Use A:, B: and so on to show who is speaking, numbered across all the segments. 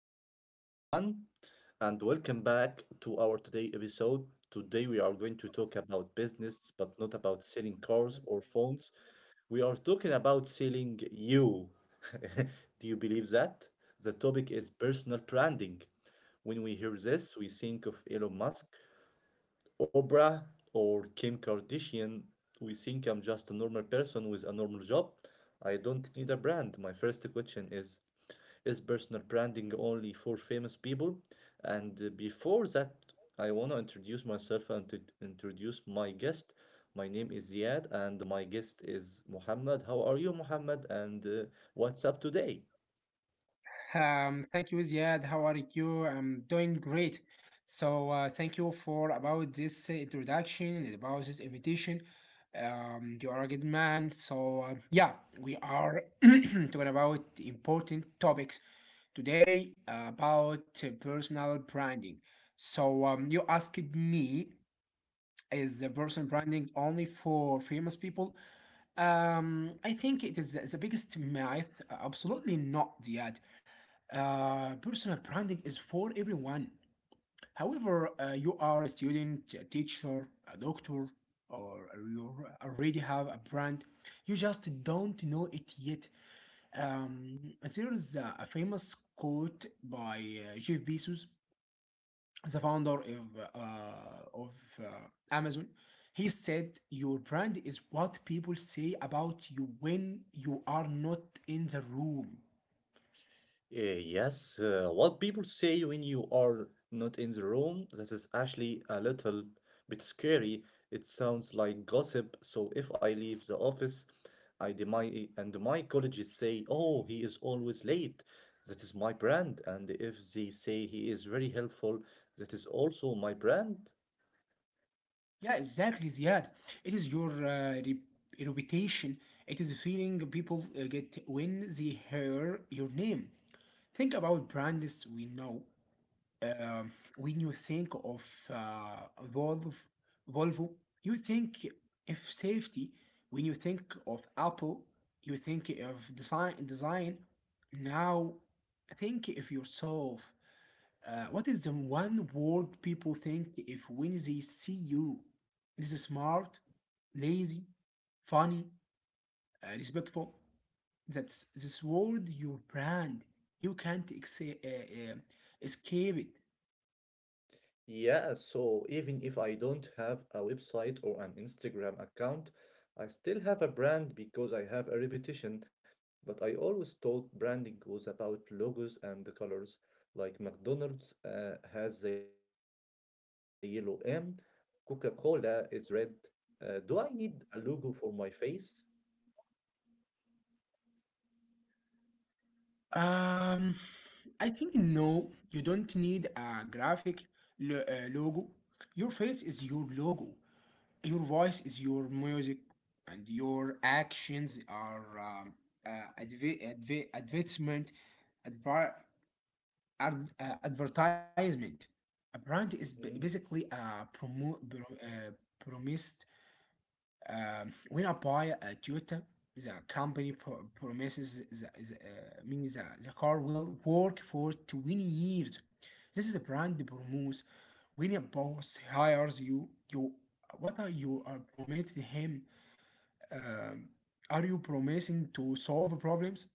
A: Hello, everyone, and welcome back to our today episode. Today, we are going to talk about business, but not about selling cars or phones. We are talking about selling you. Do you believe that? The topic is personal branding. When we hear this, we think of Elon Musk, Oprah, or Kim Kardashian. We think I'm just a normal person with a normal job. I don't need a brand. My first question is personal branding only for famous people? And Before that, I want to introduce myself and to introduce my guest. My name is Ziad, and my guest is Muhammad. How are you, Muhammad? And What's up today?
B: Thank you, Ziad. How are you? I'm doing great. Thank you for about this introduction and about this invitation. You are a good man. So, we are talking about important topics today about personal branding. So, you asked me, is the personal branding only for famous people? I think it is the biggest myth. Absolutely not, Ziad. Personal branding is for everyone. However, you are a student, a teacher, a doctor, or you already have a brand. You just don't know it yet. There is a famous quote by Jeff Bezos, the founder of, uh, of uh, Amazon. He said, "Your brand is what people say about you when you are not in the room."
A: Yes, what people say when you are not in the room, that is actually a little bit scary. It sounds like gossip. So if I leave the office, my and my colleagues say, "Oh, he is always late." That is my brand. And if they say he is very helpful, that is also my brand.
B: Yeah, exactly, Ziad. It is your reputation. It is the feeling people get when they hear your name. Think about brands we know. Um, when you think of uh, Volvo, Volvo, you think of safety. When you think of Apple, you think of design. Design. Now, think of yourself. What is the one word people think if when they see you? Is it smart, lazy, funny, respectful? That's this word your brand. You can't escape it.
A: Yeah, so even if I don't have a website or an Instagram account, I still have a brand because I have a reputation. But I always thought branding was about logos and the colors. Like McDonald's has the yellow M, Coca-Cola is red. Do I need a logo for my face?
B: Um, I think no, you don't need a graphic logo. Your face is your logo. Your voice is your music, and your actions are uh, adv- adv- advertisement, adver- advertisement. A brand is
A: Mm.
B: basically a promised when I buy a Toyota, the company promises me the car will work for 20 years. This is a brand promise. When a boss hires you, what are you are promising him? Um, are you promising to solve problems,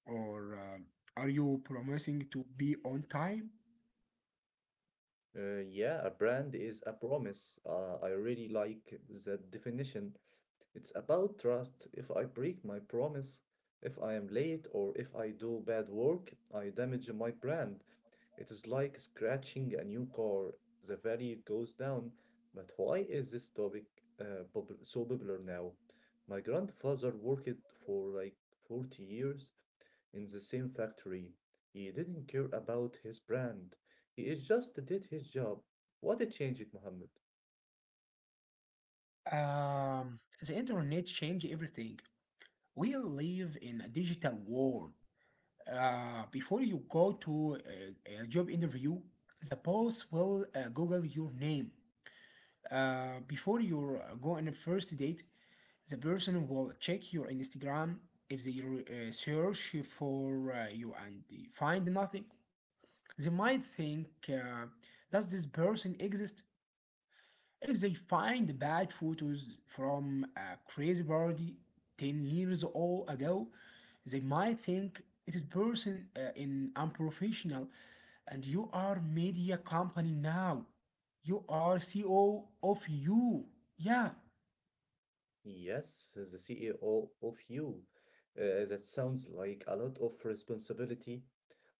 B: or are you promising to be on time?
A: Yeah, a brand is a promise. I really like that definition. It's about trust. If I break my promise, if I am late, or if I do bad work, I damage my brand. It is like scratching a new car. The value goes down. But why is this topic so popular now? My grandfather worked for like 40 years in the same factory. He didn't care about his brand. He is just did his job. What a change it, Mohammed.
B: Um, the internet changed everything. We live in a digital world. Before you go to a job interview, the boss will Google your name. Before you go on a first date, the person will check your Instagram. If they search for you and they find nothing, they might think, does this person exist? If they find bad photos from a crazy party 10 years old ago, they might think this person is unprofessional and you are media company now. You are CEO of you. Yeah.
A: Yes, as the CEO of you. That sounds like a lot of responsibility.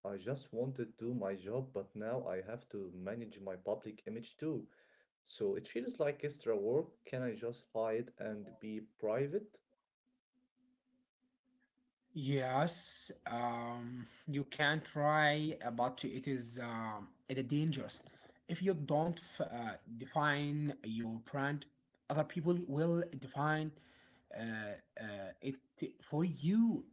A: I just wanted to do my job, but now I have to manage my public image too. So it feels like extra work. Can I just hide and be private?
B: Yes, you can try, but it is dangerous. If you don't define your brand, other people will define uh, uh, it for you.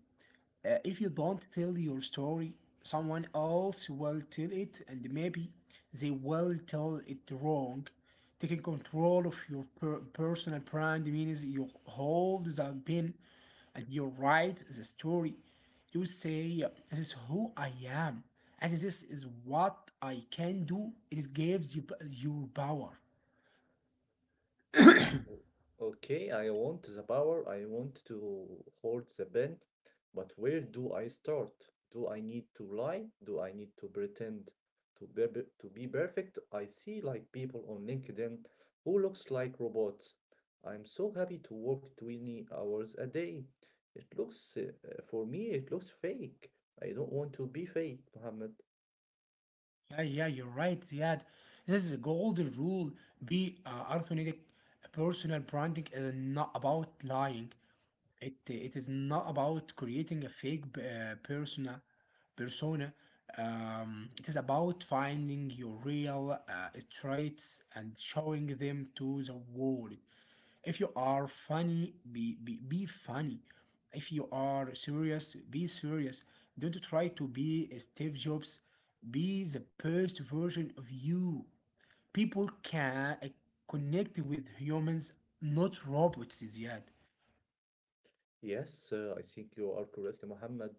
B: If you don't tell your story, someone else will tell it, and maybe they will tell it wrong. Taking control of your personal brand means you hold the pen and you write the story. You say, "This is who I am, and this is what I can do." It gives you your power.
A: Okay, I want the power, I want to hold the pen, but where do I start? Do I need to lie? Do I need to pretend to be perfect? I see like people on LinkedIn who looks like robots. I'm so happy to work 20 hours a day. It looks, for me, it looks fake. I don't want to be fake, Mohammed.
B: Yeah, you're right, Ziad. This is a golden rule. Be authentic. Personal branding is not about lying. It is not about creating a fake persona. Persona. It is about finding your real traits and showing them to the world. If you are funny, be funny. If you are serious, be serious. Don't try to be a Steve Jobs. Be the best version of you. People can connect with humans, not robots, Ziad.
A: Yes, I think you are correct, Mohammed.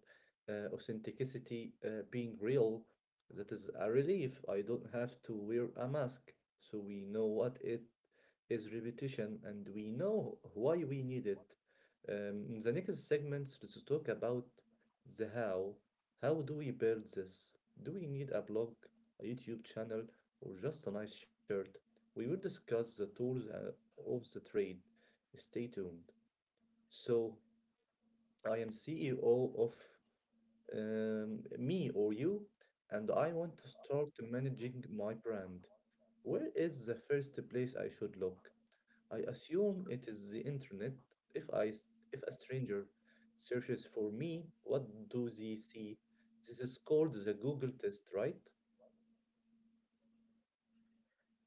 A: Authenticity, being real, that is a relief. I don't have to wear a mask. So we know what it is repetition and we know why we need it. In the next segments, let's talk about the how. How do we build this? Do we need a blog, a YouTube channel, or just a nice shirt? We will discuss the tools of the trade. Stay tuned. So, I am CEO of me or you, and I want to start managing my brand. Where is the first place I should look? I assume it is the internet. If I s- If a stranger searches for me, what do they see? This is called the Google test, right?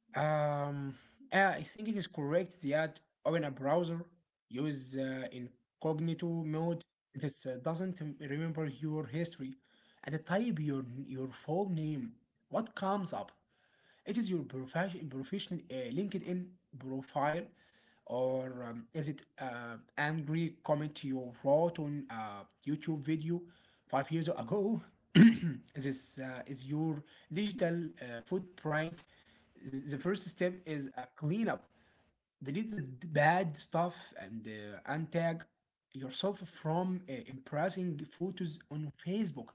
B: Um, yeah, I think it is correct, Ziad. Open a browser, use incognito mode. This doesn't remember your history and type your full name. What comes up? It is your professional LinkedIn profile, or is it angry comment you wrote on a YouTube video 5 years ago? Is your digital footprint? The first step is a cleanup. Delete the bad stuff and untag yourself from impressing photos on Facebook.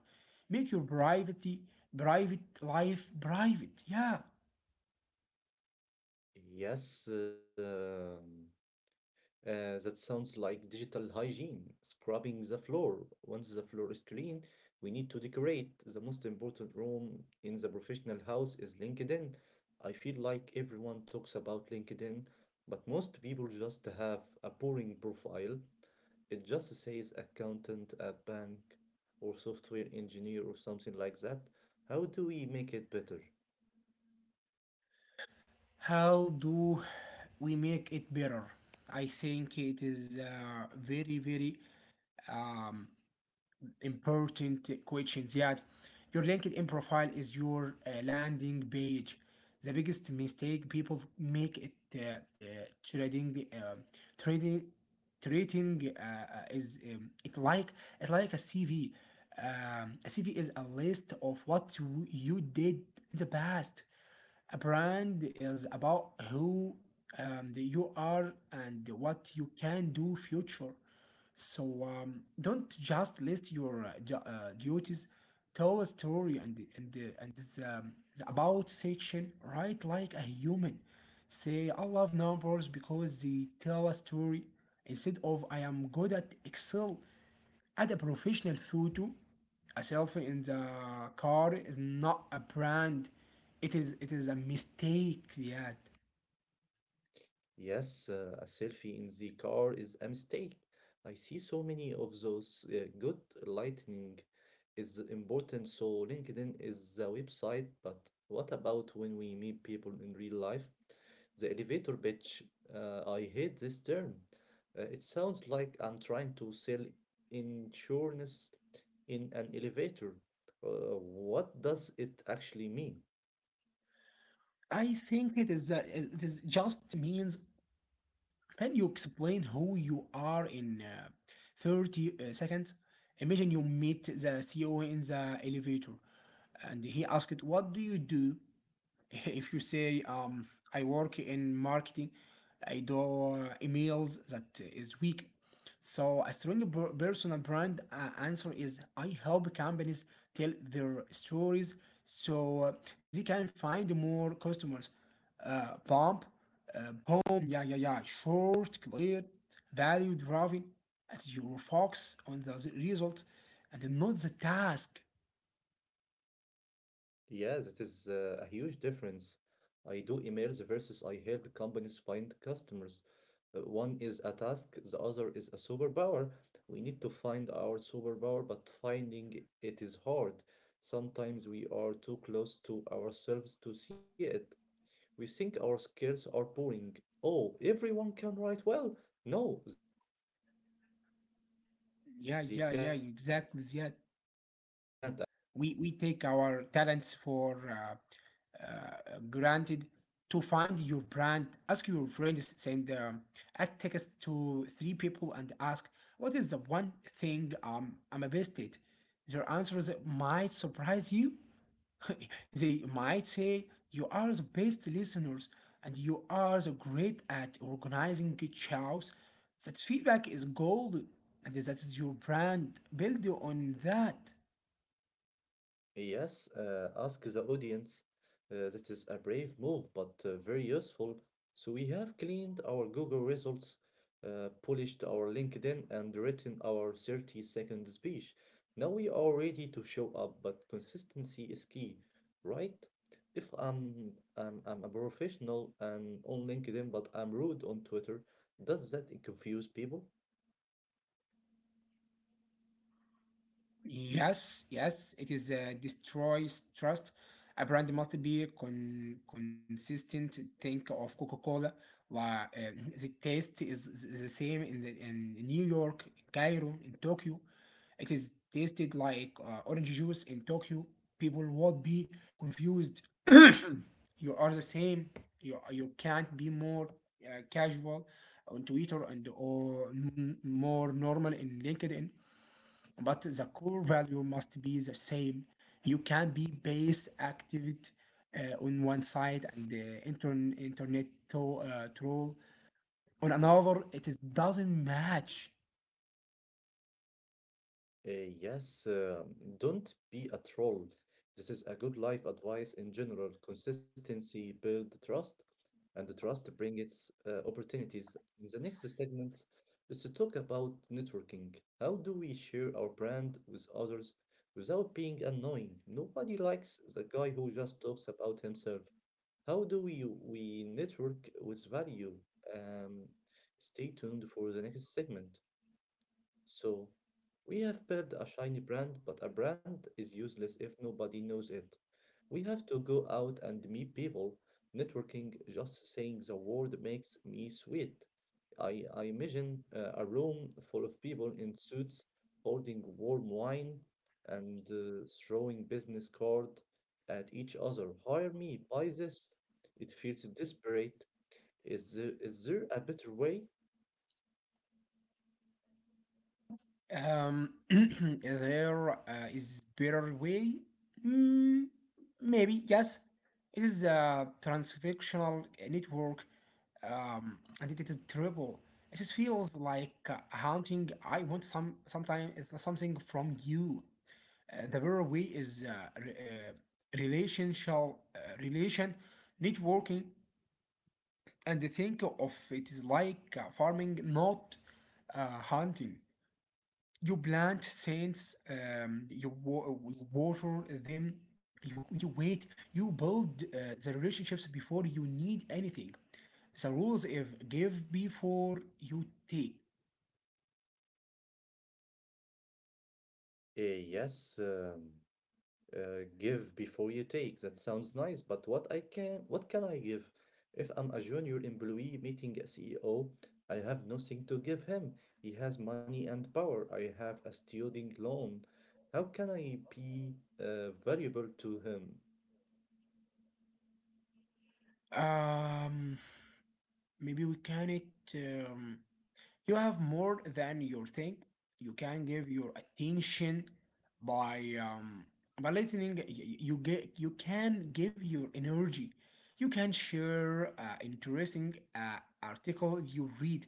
B: Make your privacy private life private. Yeah.
A: Yes. That sounds like digital hygiene, scrubbing the floor. Once the floor is clean, we need to decorate. The most important room in the professional house is LinkedIn. I feel like everyone talks about LinkedIn, but most people just have a boring profile. It just says accountant, a bank, or software engineer, or something like that. How do we make it better?
B: How do we make it better? I think it is very, very um, important questions yet. Your LinkedIn profile is your landing page. The biggest mistake people make it trading trading trading is it like it's like a CV. A CV is a list of what you did in the past. A brand is about who you are and what you can do future. So, don't just list your duties. Tell a story. And the- and the, and this, um, the about section. Write like a human. Say, "I love numbers because they tell a story," instead of, "I am good at Excel." Add a professional photo. A selfie in the car is not a brand. It is a mistake. Yet
A: Yes, a selfie in the car is a mistake. I see so many of those. Good lighting is important, so LinkedIn is the website, but what about when we meet people in real life? The elevator pitch, I hate this term. It sounds like I'm trying to sell insurance in an elevator. What does it actually mean?
B: I think it is just means, can you explain who you are in 30 seconds? Imagine you meet the CEO in the elevator and he asked, "What do you do?" If you say, "I work in marketing, I do emails," that is weak. So a strong personal brand answer is, "I help companies tell their stories so they can find more customers." Pump, boom, yeah, yeah, yeah, Short, clear, value driving. And you focus on the result and not the task.
A: Yes, it is a huge difference. I do emails versus I help companies find customers. One is a task, the other is a superpower. We need to find our superpower, but finding it is hard. Sometimes we are too close to ourselves to see it. We think our skills are boring. Oh, everyone can write well. No, they can't actually.
B: Yeah, exactly. Yeah. We take our talents for granted. To find your brand, ask your friends. Send a text to 3 people and ask, "What is the one thing I'm best at?" Their answers might surprise you. They might say, "You are the best listeners and you are the great at organizing chows." That feedback is gold and that is your brand. Build on that.
A: Yes, ask the audience. This is a brave move, but very useful. So we have cleaned our Google results, polished our LinkedIn, and written our 30-second speech. Now we are ready to show up, but consistency is key, right? If I'm, I'm a professional and on LinkedIn, but I'm rude on Twitter, does that confuse people?
B: Yes, it is destroys trust. A brand must be consistent. Think of Coca-Cola. La, uh, the taste is the same in New York, Cairo, in Tokyo. It is tasted like orange juice in Tokyo. People would be confused. You are the same. You can't be more casual on Twitter and or more normal in LinkedIn, but the core value must be the same. You can be base activity on one side and the internet troll on another. It is doesn't match.
A: Yes, don't be a troll. This is a good life advice in general. Consistency build trust, and the trust bring its opportunities. In the next segment, let's talk about networking. How do we share our brand with others without being annoying? Nobody likes the guy who just talks about himself. How do we network with value? Um, Stay tuned for the next segment. So, we have built a shiny brand, but a brand is useless if nobody knows it. We have to go out and meet people. Networking, just saying the word makes me sweat. I imagine a room full of people in suits holding warm wine and throwing business card at each other. Hire me, buy this. It feels desperate. Is there a better way?
B: There is better way. Mm, maybe yes. It is a transactional network, and it is terrible. It just feels like haunting. I want sometime it's something from you. The better way is re- uh, relation networking. And think of it is like farming, not hunting. You plant seeds, you water them. You wait. You build the relationships before you need anything. The rules, if give before you take.
A: Yes. Give before you take. That sounds nice, but what can I give? If I'm a junior employee meeting a CEO, I have nothing to give him. He has money and power. I have a student loan. How can I be valuable to him?
B: Um maybe we can it um, You have more than you think. You can give your attention by um, by listening. You get you can give your energy. You can share interesting article you read,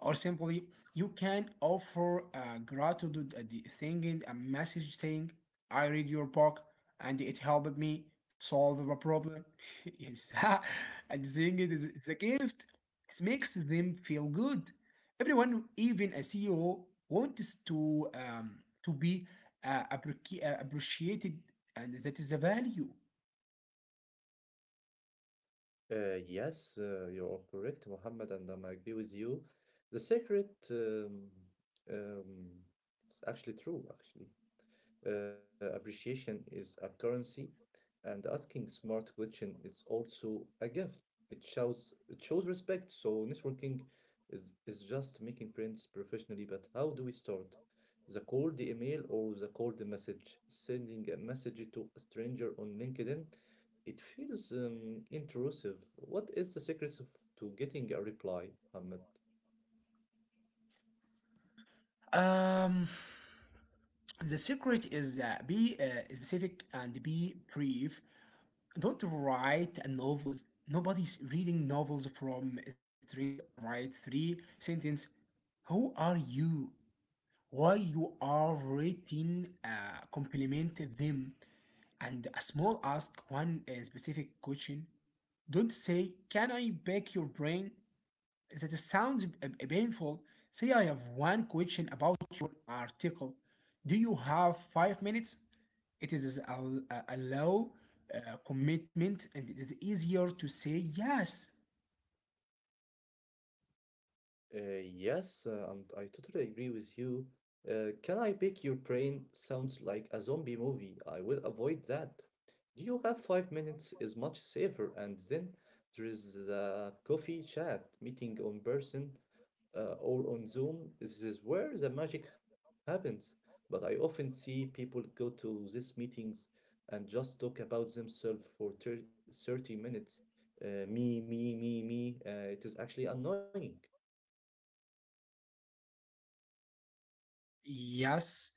B: or simply you can offer gratitude at the thinking a message saying, "I read your book and it helped me solve a problem." Yes, and saying it is a gift. It makes them feel good. Everyone, even a CEO, wants to be appreciated, and that is a value.
A: Yes, you are correct, Mohammed, and I agree with you. The secret, um, um, it's actually true, actually. Appreciation is a currency, and asking smart question is also a gift. It shows respect. So networking is is just making friends professionally, but how do we start? The cold email or the cold message? Sending a message to a stranger on LinkedIn, it feels intrusive. What is the secret of, to getting a reply, Ahmed?
B: Um, the secret is be specific and be brief. Don't write a novel. Nobody's reading novels from stringers. Write 3 sentence. Who are you? Why you are written? Compliment them. And a small ask, one specific question. Don't say, "Can I pick your brain?" That sounds painful. Say, "I have one question about your article. Do you have 5 minutes?" It is a low commitment and it is easier to say yes.
A: Yes, and I totally agree with you. Can I Pick Your Brain sounds like a zombie movie. I will avoid that. Do you have 5 minutes is much safer. And then there is the coffee chat meeting on person or on Zoom. This is where the magic happens. But I often see people go to these meetings and just talk about themselves for 30 minutes. Me, me, me, me. It is actually annoying.
B: Yes,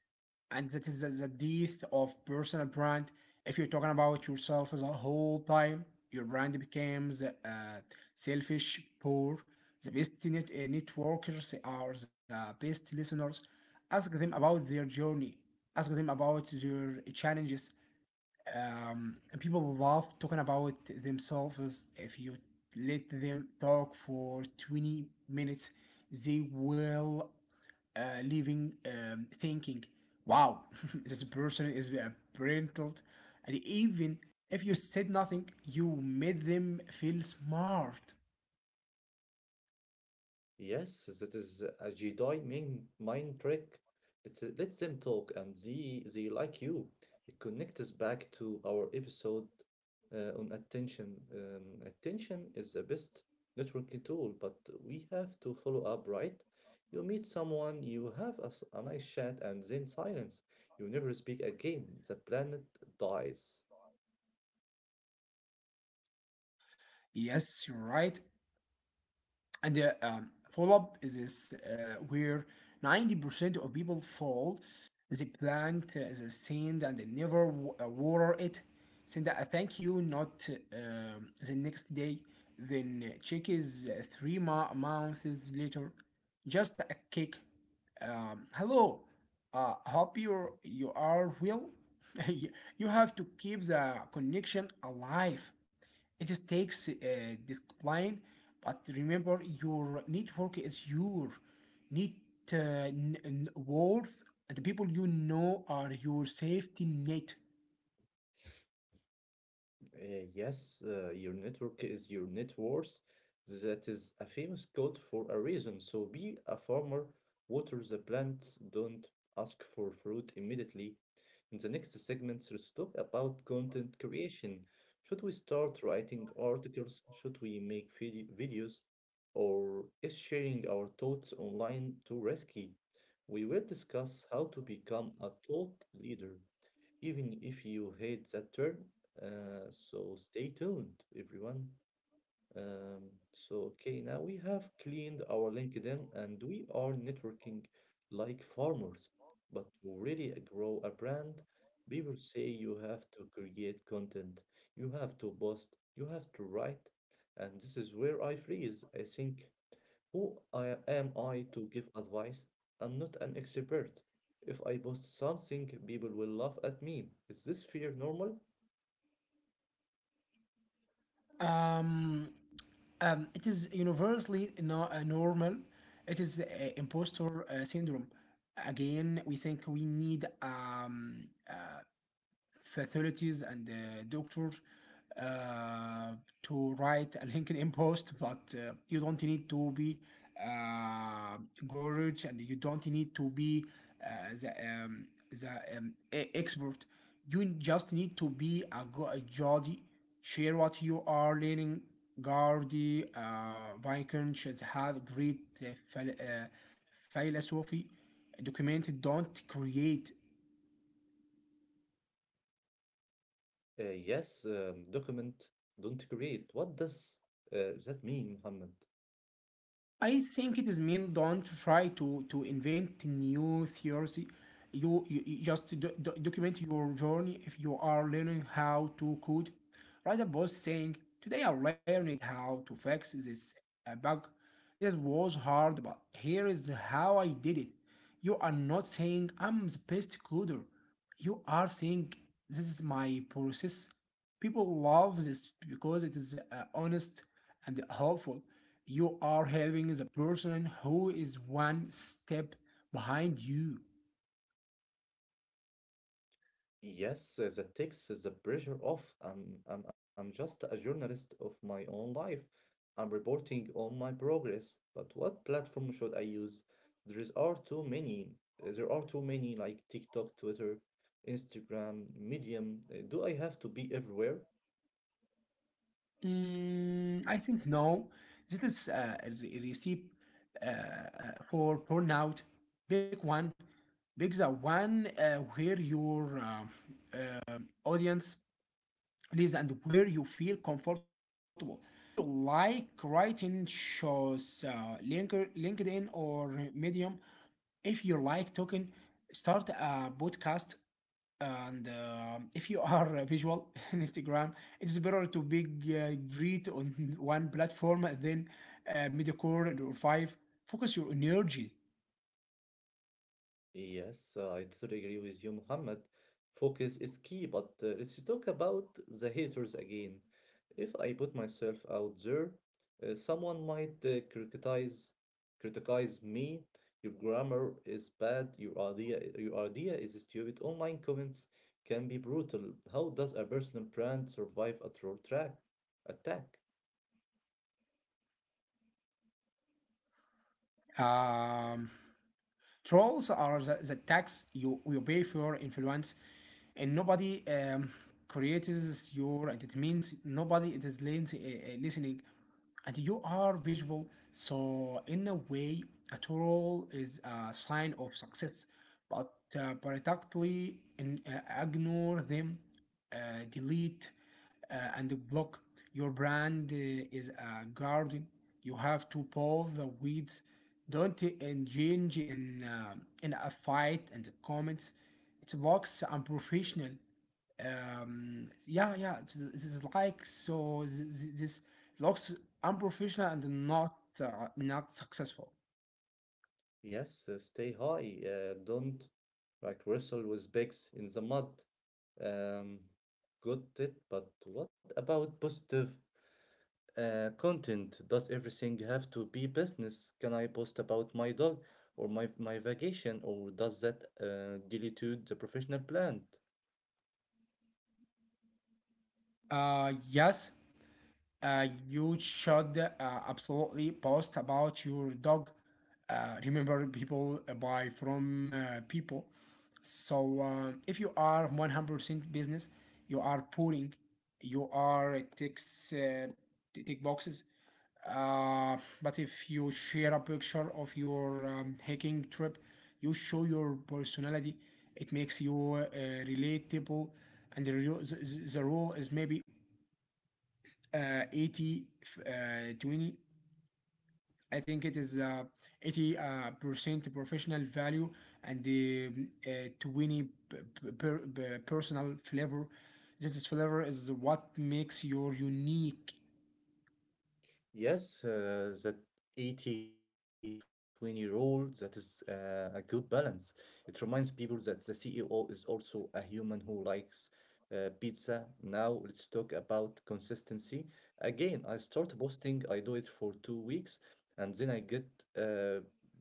B: and that is the death of personal brand. If you're talking about yourself the whole time, your brand becomes selfish, poor. The best networkers are the best listeners. Ask them about their journey. Ask them about their challenges, and people love talking about themselves. If you let them talk for 20 minutes, they will leaving thinking, wow, this person is a brilliant. And even if you said nothing, you made them feel smart.
A: Yes, that is a Jedi main mind trick. It Let's, let them talk and they like you. It connects us back to our episode on attention. Attention is the best networking tool, but we have to follow up, right? You meet someone, you have a nice chat, and then silence. You never speak again. The planet dies.
B: Yes, you're right. and the Follow-up is this where 90% of people fall. The plant is a sand and they never water it. Send a thank you note the next day, then check is three months later. Just a kick, hello, hope you are well. You have to keep the connection alive. It is takes discipline, but remember, your network is your net worth. And The people you know are your safety net.
A: Yes, your network is your net worth. That is a famous quote for a reason. So be a farmer, water the plants, don't ask for fruit immediately. In the next segments, let's talk about content creation. Should we start writing articles? Should we make videos? Or is sharing our thoughts online too risky? We will discuss how to become a thought leader even if you hate that term. So stay tuned, everyone. So, okay, now we have cleaned our LinkedIn and we are networking like farmers. But to really grow a brand, people say you have to create content, you have to post, you have to write. And this is where I freeze. I think am I to give advice? I'm not an expert. If I post something, people will laugh at me. Is this fear normal?
B: Um, it is universally no, normal. It is imposter syndrome. Again, we think we need facilities and the doctors uh, to write a LinkedIn post, but you don't need to be uh, gorge, and you don't need to be uh, the um, expert. You just need to be a Jody, share what you are learning. Gardy, Viking should have great philosophy documented. Don't create.
A: Yes, document, don't create. What does that mean, Muhammad?
B: I think it is mean don't try to invent new theory. You just document your journey. If you are learning how to code, write a post saying, "Today I learned how to fix this bug. It was hard, but here is how I did it." You are not saying I'm the best coder, you are saying this is my process. People love this because it is honest and helpful. You are helping the person who is one step behind you.
A: Yes, that takes the pressure off. I'm just a journalist of my own life. I'm reporting on my progress. But what platform should I use? There is are too many. There are too many like TikTok, Twitter, Instagram, Medium. Do I have to be everywhere?
B: Mm, I think no, this is a recipe for burnout. Big one, big the one where your audience leaves and where you feel comfortable. If you like writing shows, LinkedIn or Medium, if you like talking, start a podcast. And if you are visual, Instagram. It's better to be great on one platform than mediocre or five. Focus your energy.
A: Yes, I totally agree with you, Muhammad. Focus is key, but let's talk about the haters again. If I put myself out there, someone might criticize me. Your grammar is bad. Your idea is stupid. Online comments can be brutal. How does a personal brand survive a troll track attack?
B: um, Trolls are the tax you pay for your influence, and nobody creates your. And It means nobody it is listening, and you are visual. So in a way, a troll is a sign of success, but practically ignore them, delete and the block. Your brand is a garden. You have to pull the weeds. Don't engage in a fight and the comments. It looks unprofessional. Yeah, yeah. This is like This looks unprofessional and not not successful.
A: Yes, stay high. Don't like wrestle with bigs in the mud. Um, Good tip. But what about positive content? Does everything have to be business? Can I post about my dog or my vacation, or does that dilute the professional brand?
B: Yes. You should absolutely post about your dog. Remember, people buy from people. So if you are 100% business, you are pouring, you are ticks, tick boxes. But if you share a picture of your hiking trip, you show your personality. It makes you relatable, and the, real, the rule is maybe 80 20. I think it is 80 percent professional value and 20 per- uh, personal flavor. This flavor is what makes your unique.
A: Yes, that 80-20 rule, that is a good balance. It reminds people that the CEO is also a human who likes pizza. Now let's talk about consistency. Again, I start posting, I do it for 2 weeks, and then I get uh,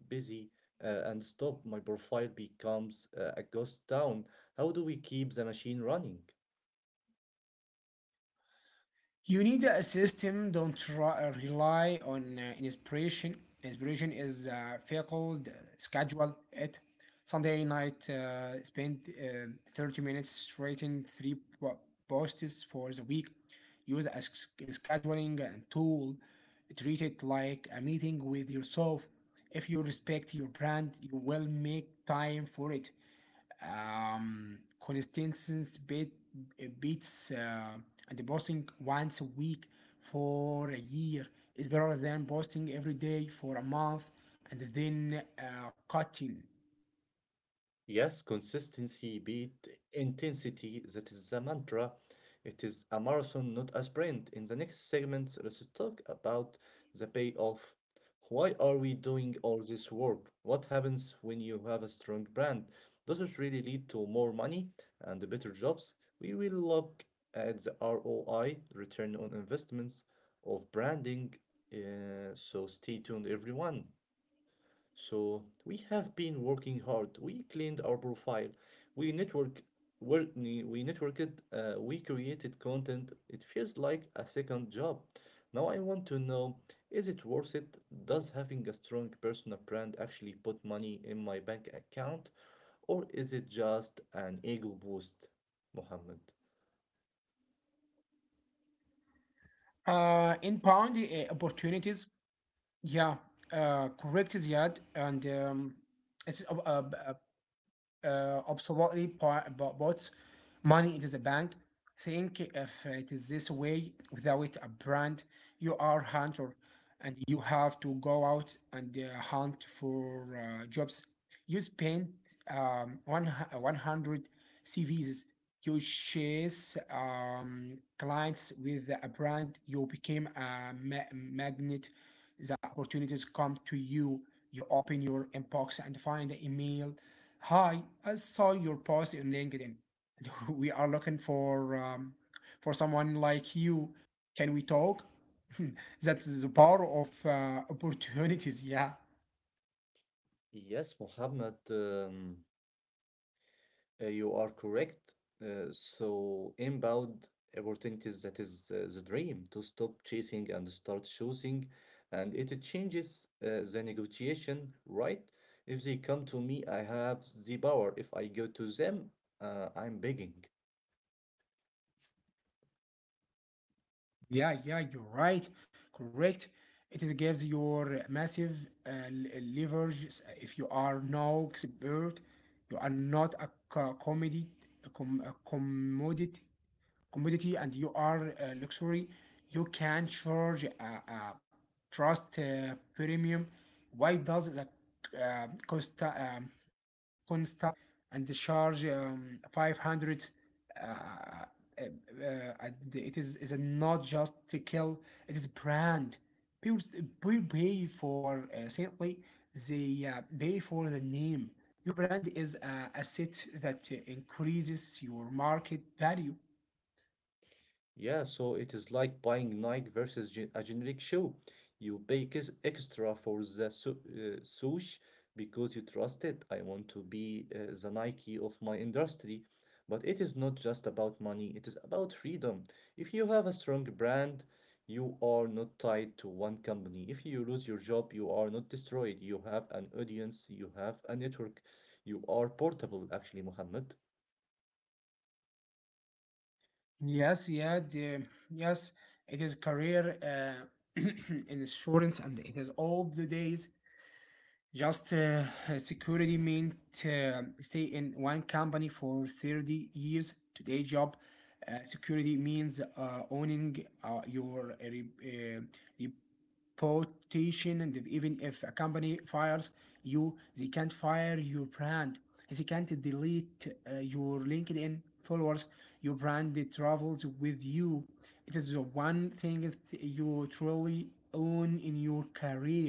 A: busy and stop. My profile becomes a ghost town. How do we keep the machine running?
B: You need a system. Don't try, rely on inspiration. Inspiration is fickle. Schedule it. Sunday night, spend 30 minutes writing three posts for the week. Use a scheduling tool. Treat it like a meeting with yourself. If you respect your brand, you will make time for it. Constance beats and posting once a week for a year is better than posting every day for a month and then cutting.
A: Yes, consistency beat intensity. That is the mantra. It is a marathon, not a sprint. In the next segments, let's talk about the payoff. Why are we doing all this work? What happens when you have a strong brand? Does it really lead to more money and better jobs? We will look at the ROI, return on investments of branding. So stay tuned, everyone. So we have been working hard. We cleaned our profile. We network, we networked. We created content. It feels like a second job. Now I want to know, is it worth it? Does having a strong personal brand actually put money in my bank account, or is it just an ego boost, Mohammed?
B: Inbound opportunities, yeah, correct Ziad, and it's absolutely, but money it is a bank. Think if it is this way: without a brand you are hunter and you have to go out and hunt for jobs. You spend 100 cvs. You chase clients. With a brand you became a magnet. The opportunities come to you. You open your inbox and find the email. Hi, I saw your post on LinkedIn. We are looking for someone like you. Can we talk? That's the power of opportunities. Yeah,
A: Yes, Mohammed. You are correct. So inbound opportunities, that is the dream to stop chasing and start choosing. And it changes the negotiation, right? If they come to me, I have the power. If I go to them, I'm begging.
B: yeah, yeah. You're right. Correct. It gives your massive leverage. If you are no expert, you are not a co- comedy, a, com- a commodity commodity, and you are luxury. You can charge a trust premium. Why does the cost consultant and charge 500 uh, uh, uh, and it is not just to kill. It is brand. people People pay for simply, they pay for the name. Your brand is a asset that increases your market value.
A: Yeah, so it is like buying Nike versus a generic shoe. You pay extra for the swoosh because you trust it. I want to be the Nike of my industry. But it is not just about money, it is about freedom. If you have a strong brand, you are not tied to one company. If you lose your job, you are not destroyed. You have an audience, you have a network, you are portable, actually, Mohammed.
B: Yes, yeah, the, yes, it is career in insurance and it is all the days just security meant stay in one company for 30 years. Today job security means owning your rep- uh, reputation, and even if a company fires you, they can't fire your brand. They can't delete your LinkedIn followers. Your brand travels with you. It is the one thing that you truly own in your career.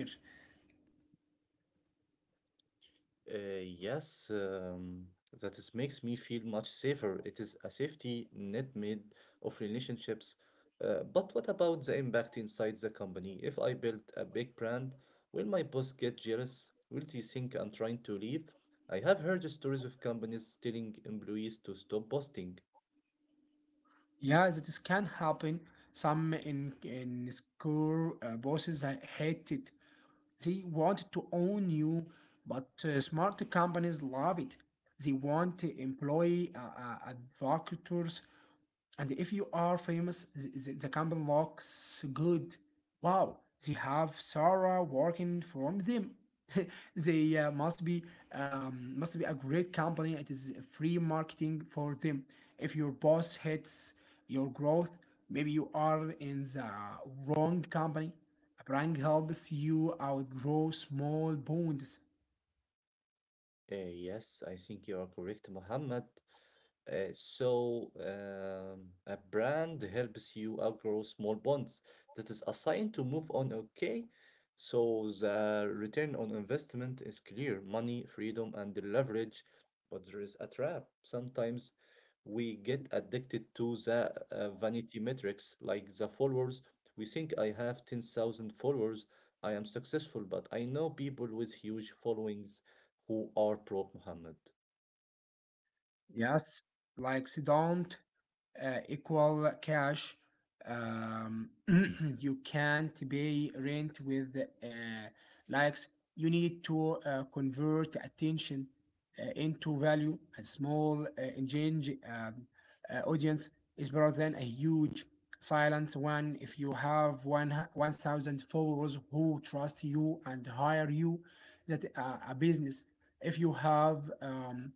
A: Yes, that is makes me feel much safer. It is a safety net made of relationships. But what about the impact inside the company? If I build a big brand, will my boss get jealous? Will he think I'm trying to leave? I have heard stories of companies telling employees to stop posting.
B: Yeah, that is can happen. Some in school bosses I hate it. They want to own you, but smart companies love it. They want to employ advocates, and if you are famous, the company looks good. Wow, they have Sarah working for them. They must be a great company. It is free marketing for them. If your boss hates your growth, maybe you are in the wrong company. A brand helps you outgrow small bonds.
A: Yes, I think you are correct, Mohammed. A brand helps you outgrow small bonds. That is a sign to move on, okay? So, the return on investment is clear money, freedom, and the leverage. But there is a trap. Sometimes we get addicted to the vanity metrics, like the followers. We think I have 10,000 followers, I am successful, but I know people with huge followings who are broke, Muhammad.
B: Yes, like don't equal cash. Um, you can't pay rent with likes. You need to convert attention into value. A small engaged audience is better than a huge silent one. If you have one 1,000 followers who trust you and hire you, that a business. If you have um,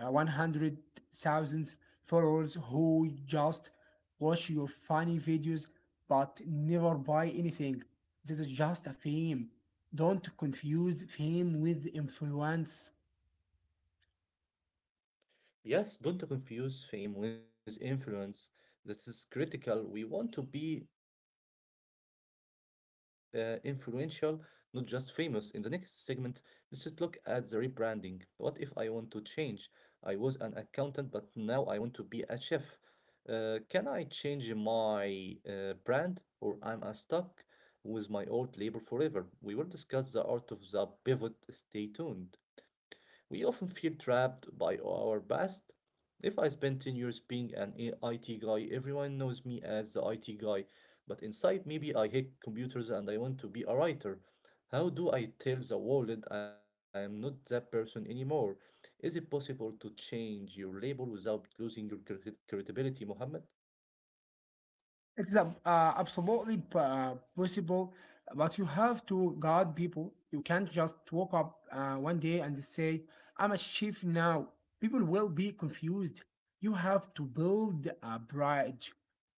B: uh, 100,000 followers who just watch your funny videos but never buy anything, this is just a fame. Don't confuse fame with influence.
A: Yes, don't confuse fame with influence. This is critical. We want to be influential, not just famous. In the next segment, let's look at the rebranding. What if I want to change? I was an accountant, but now I want to be a chef. Can I change my brand or am I stuck with my old label forever? We will discuss the art of the pivot. Stay tuned. We often feel trapped by our past. If I spend 10 years being an IT guy, everyone knows me as the IT guy, but inside maybe I hate computers and I want to be a writer. How do I tell the world I am not that person anymore? Is it possible to change your label without losing your credibility, Mohammed?
B: It's absolutely possible, but you have to guard people. You can't just walk up one day and say, I'm a chef now. People will be confused. You have to build a bridge.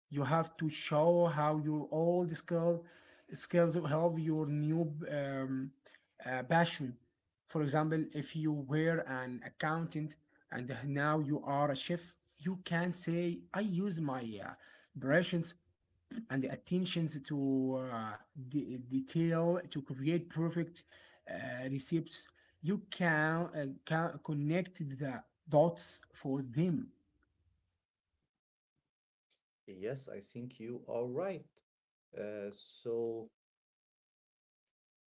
B: You have to show how your old skill skills will help your new passion. For example, if you were an accountant and now you are a chef, you can say, I use my uh, operations and the attentions to detail to create perfect uh, receipts. You can connect the dots for them.
A: Yes, I think you are right. Uh, so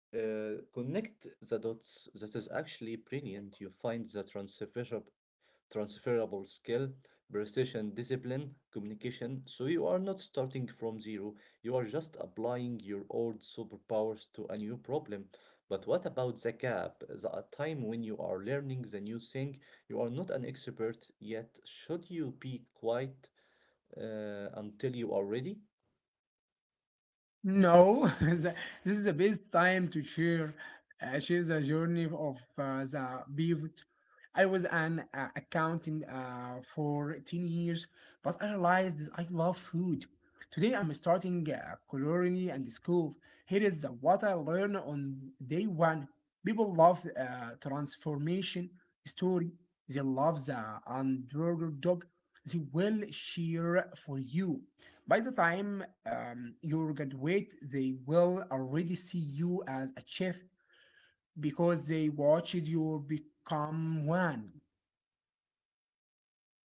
A: connect the dots. That is actually brilliant. You find the transferable skill, precision, discipline, communication. So you are not starting from zero. You are just applying your old superpowers to a new problem. But what about the gap? The time when you are learning the new thing, you are not an expert yet. Should you be quiet until you are ready?
B: No, this is the best time to share, share the journey of the pivot. I was an accountant for 10 years, but I realized I love food. Today I'm starting a culinary and school. Here is what I learned on day one. People love transformation story. They love the underdog. They will cheer for you. By the time you graduate, they will already see you as a chef because they watched you become one.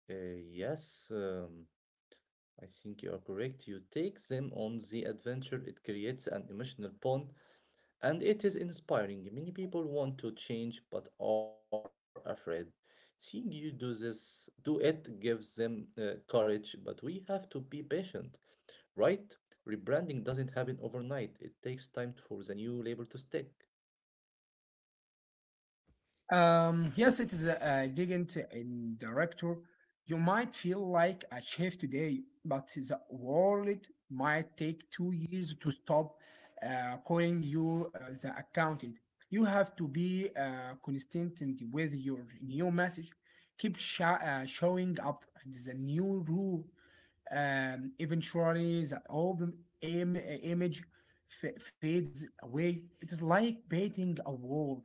A: Yes. I think you are correct. You take them on the adventure, it creates an emotional bond, and it is inspiring. Many people want to change but are afraid. Seeing you do do it gives them courage, but we have to be patient, right? Rebranding doesn't happen overnight. It takes time for the new label to stick.
B: Yes, it is a legend and director. You might feel like a chef today, but the world might take two years to stop calling you the accountant. You have to be consistent with your new message. Keep showing up. It is a new rule. Eventually the old image fades away. It is like painting a wall.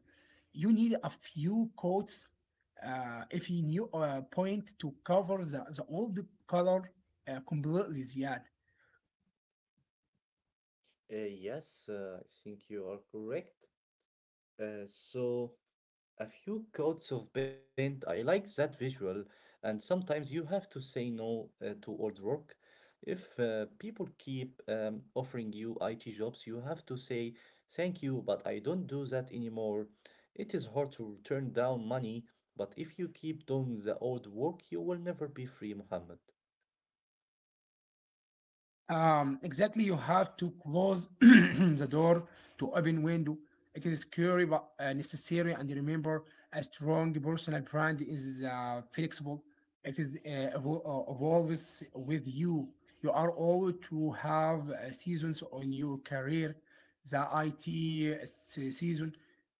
B: You need a few coats, if you new point to cover the old color completely, Ziad.
A: Yes, I think you are correct. Uh, so A few coats of paint. I like that visual. And sometimes you have to say no to old work. If people keep offering you IT jobs, you have to say thank you, but I don't do that anymore. It is hard to turn down money, but if you keep doing the old work, you will never be free, Muhammad.
B: Exactly, you have to close the door to open window. It is scary but necessary. And remember, a strong personal brand is flexible. It is evolves with you. You are always to have seasons on your career. The IT season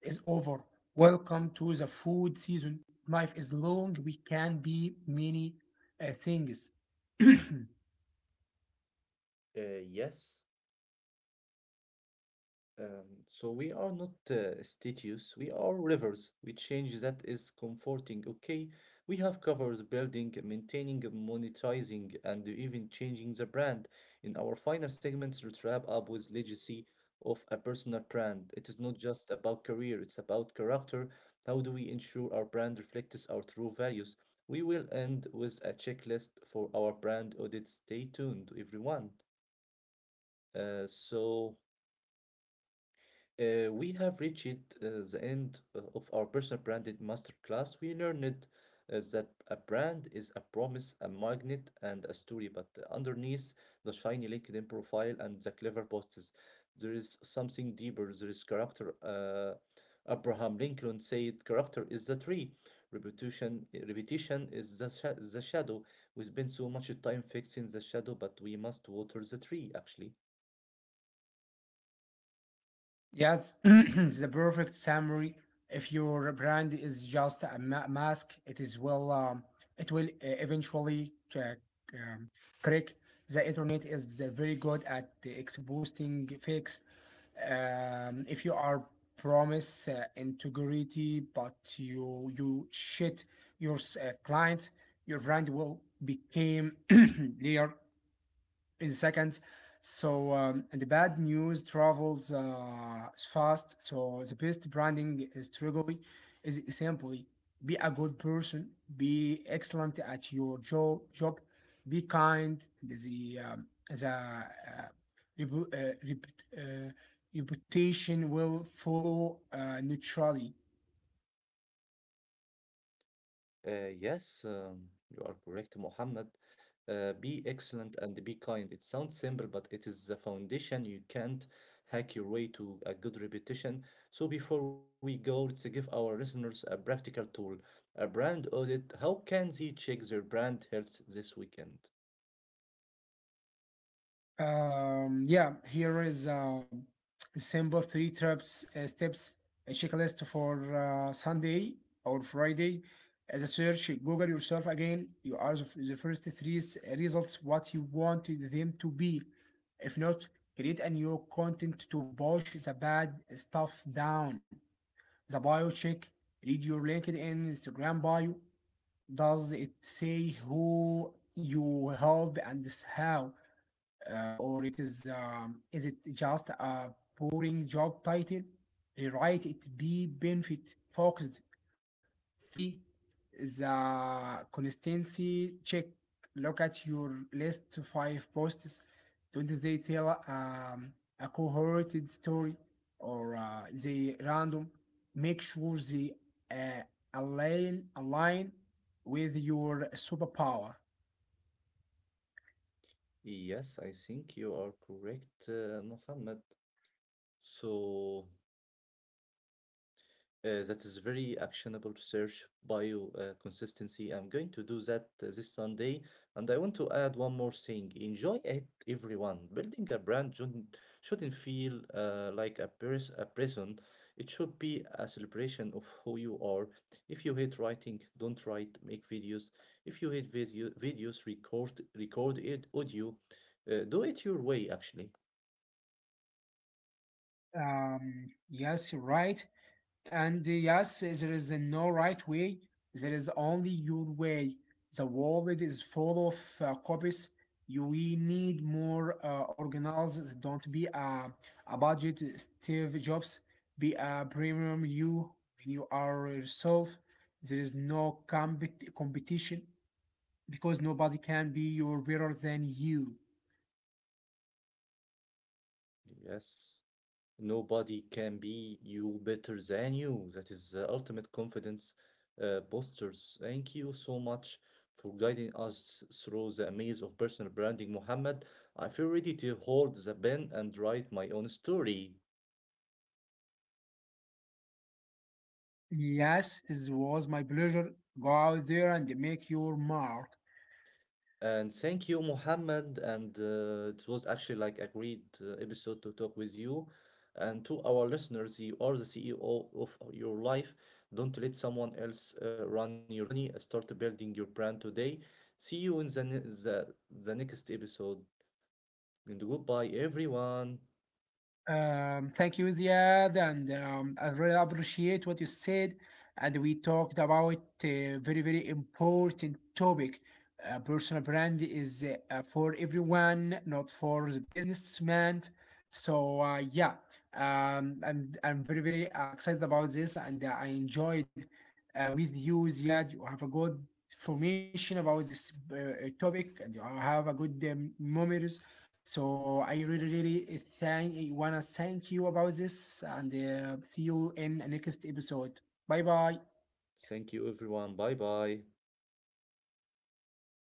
B: is over. Welcome to the food season. Life is long. We can be many things.
A: Yes, Um, so we are not statues, we are rivers. We change that is comforting, okay? We have covered building, maintaining, monetizing, and even changing the brand. In our final segments, let's wrap up with legacy of a personal brand. It is not just about career, it's about character. How do we ensure our brand reflects our true values? We will end with a checklist for our brand audit. Stay tuned, everyone. Uh, so. We have reached the end of our personal branded masterclass. We learned that a brand is a promise, a magnet, and a story, but underneath the shiny LinkedIn profile and the clever posts, there is something deeper. There is character. Abraham Lincoln said, "Character is the tree, repetition is the the shadow." We spend so much time fixing the shadow, but we must water the tree, actually.
B: Yes, it's the perfect summary. If your brand is just a mask, it will eventually um, crack. The internet is very good at exposing fakes. If you are promise integrity, but you shit your clients, your brand will become layer in seconds. So and the bad news travels fast. So the best branding strategy is simply be a good person, be excellent at your job, be kind. The repu- uh, reput- uh, reputation will follow naturally.
A: Yes, you are correct, Mohammed. Be excellent and be kind. It sounds simple, but it is the foundation. You can't hack your way to a good reputation. So, before we go, let's give our listeners a practical tool, a brand audit. How can they check their brand health this weekend?
B: Yeah, here is a simple three steps, a checklist for Sunday or Friday. As a search, Google yourself again. You are the first three results, what you want them to be. If not, create a new content to push the bad stuff down. The bio check: read your LinkedIn, Instagram bio. Does it say who you help and how? Or it is it just a boring job title? Rewrite it be benefit focused. Three, the consistency check. Look at your list to five posts. Don't they tell a cohorted story, or they random? Make sure they uh, align with your superpower.
A: Yes, I think you are correct, Mohammed. So, that is very actionable research, bio consistency. I'm going to do that this Sunday. And I want to add one more thing. Enjoy it, everyone. Building a brand shouldn't feel like a prison. It should be a celebration of who you are. If you hate writing, don't write, make videos. If you hate videos, record it, audio. Do it your way, actually.
B: Yes, right. And yes, there is no right way. There is only your way. The world is full of copies. You, we need more organized. Don't be a budget Steve Jobs. Be a premium you are yourself. There is no competition because nobody can be your better than you.
A: Yes. Nobody can be you better than you. That is the ultimate confidence postures. Thank you so much for guiding us through the maze of personal branding, Muhammad. I feel ready to hold the pen and write my own story.
B: Yes, it was my pleasure. Go out there and make your mark.
A: And thank you, Mohammed. And it was actually like a great episode to talk with you. And to our listeners, you are the CEO of your life. Don't let someone else run your company. Start building your brand today. See you in the next episode. And goodbye, everyone.
B: Thank you, Ziad, and I really appreciate what you said. And we talked about a very, very important topic. Personal brand is for everyone, not for the businessman. So yeah, um, I'm very, very excited about this, and I enjoyed with you, Ziad. You have a good information about this topic, and you have a good memories, so I really, really thank wanna thank you about this, and see you in next episode. Bye bye.
A: Thank you, everyone. Bye bye.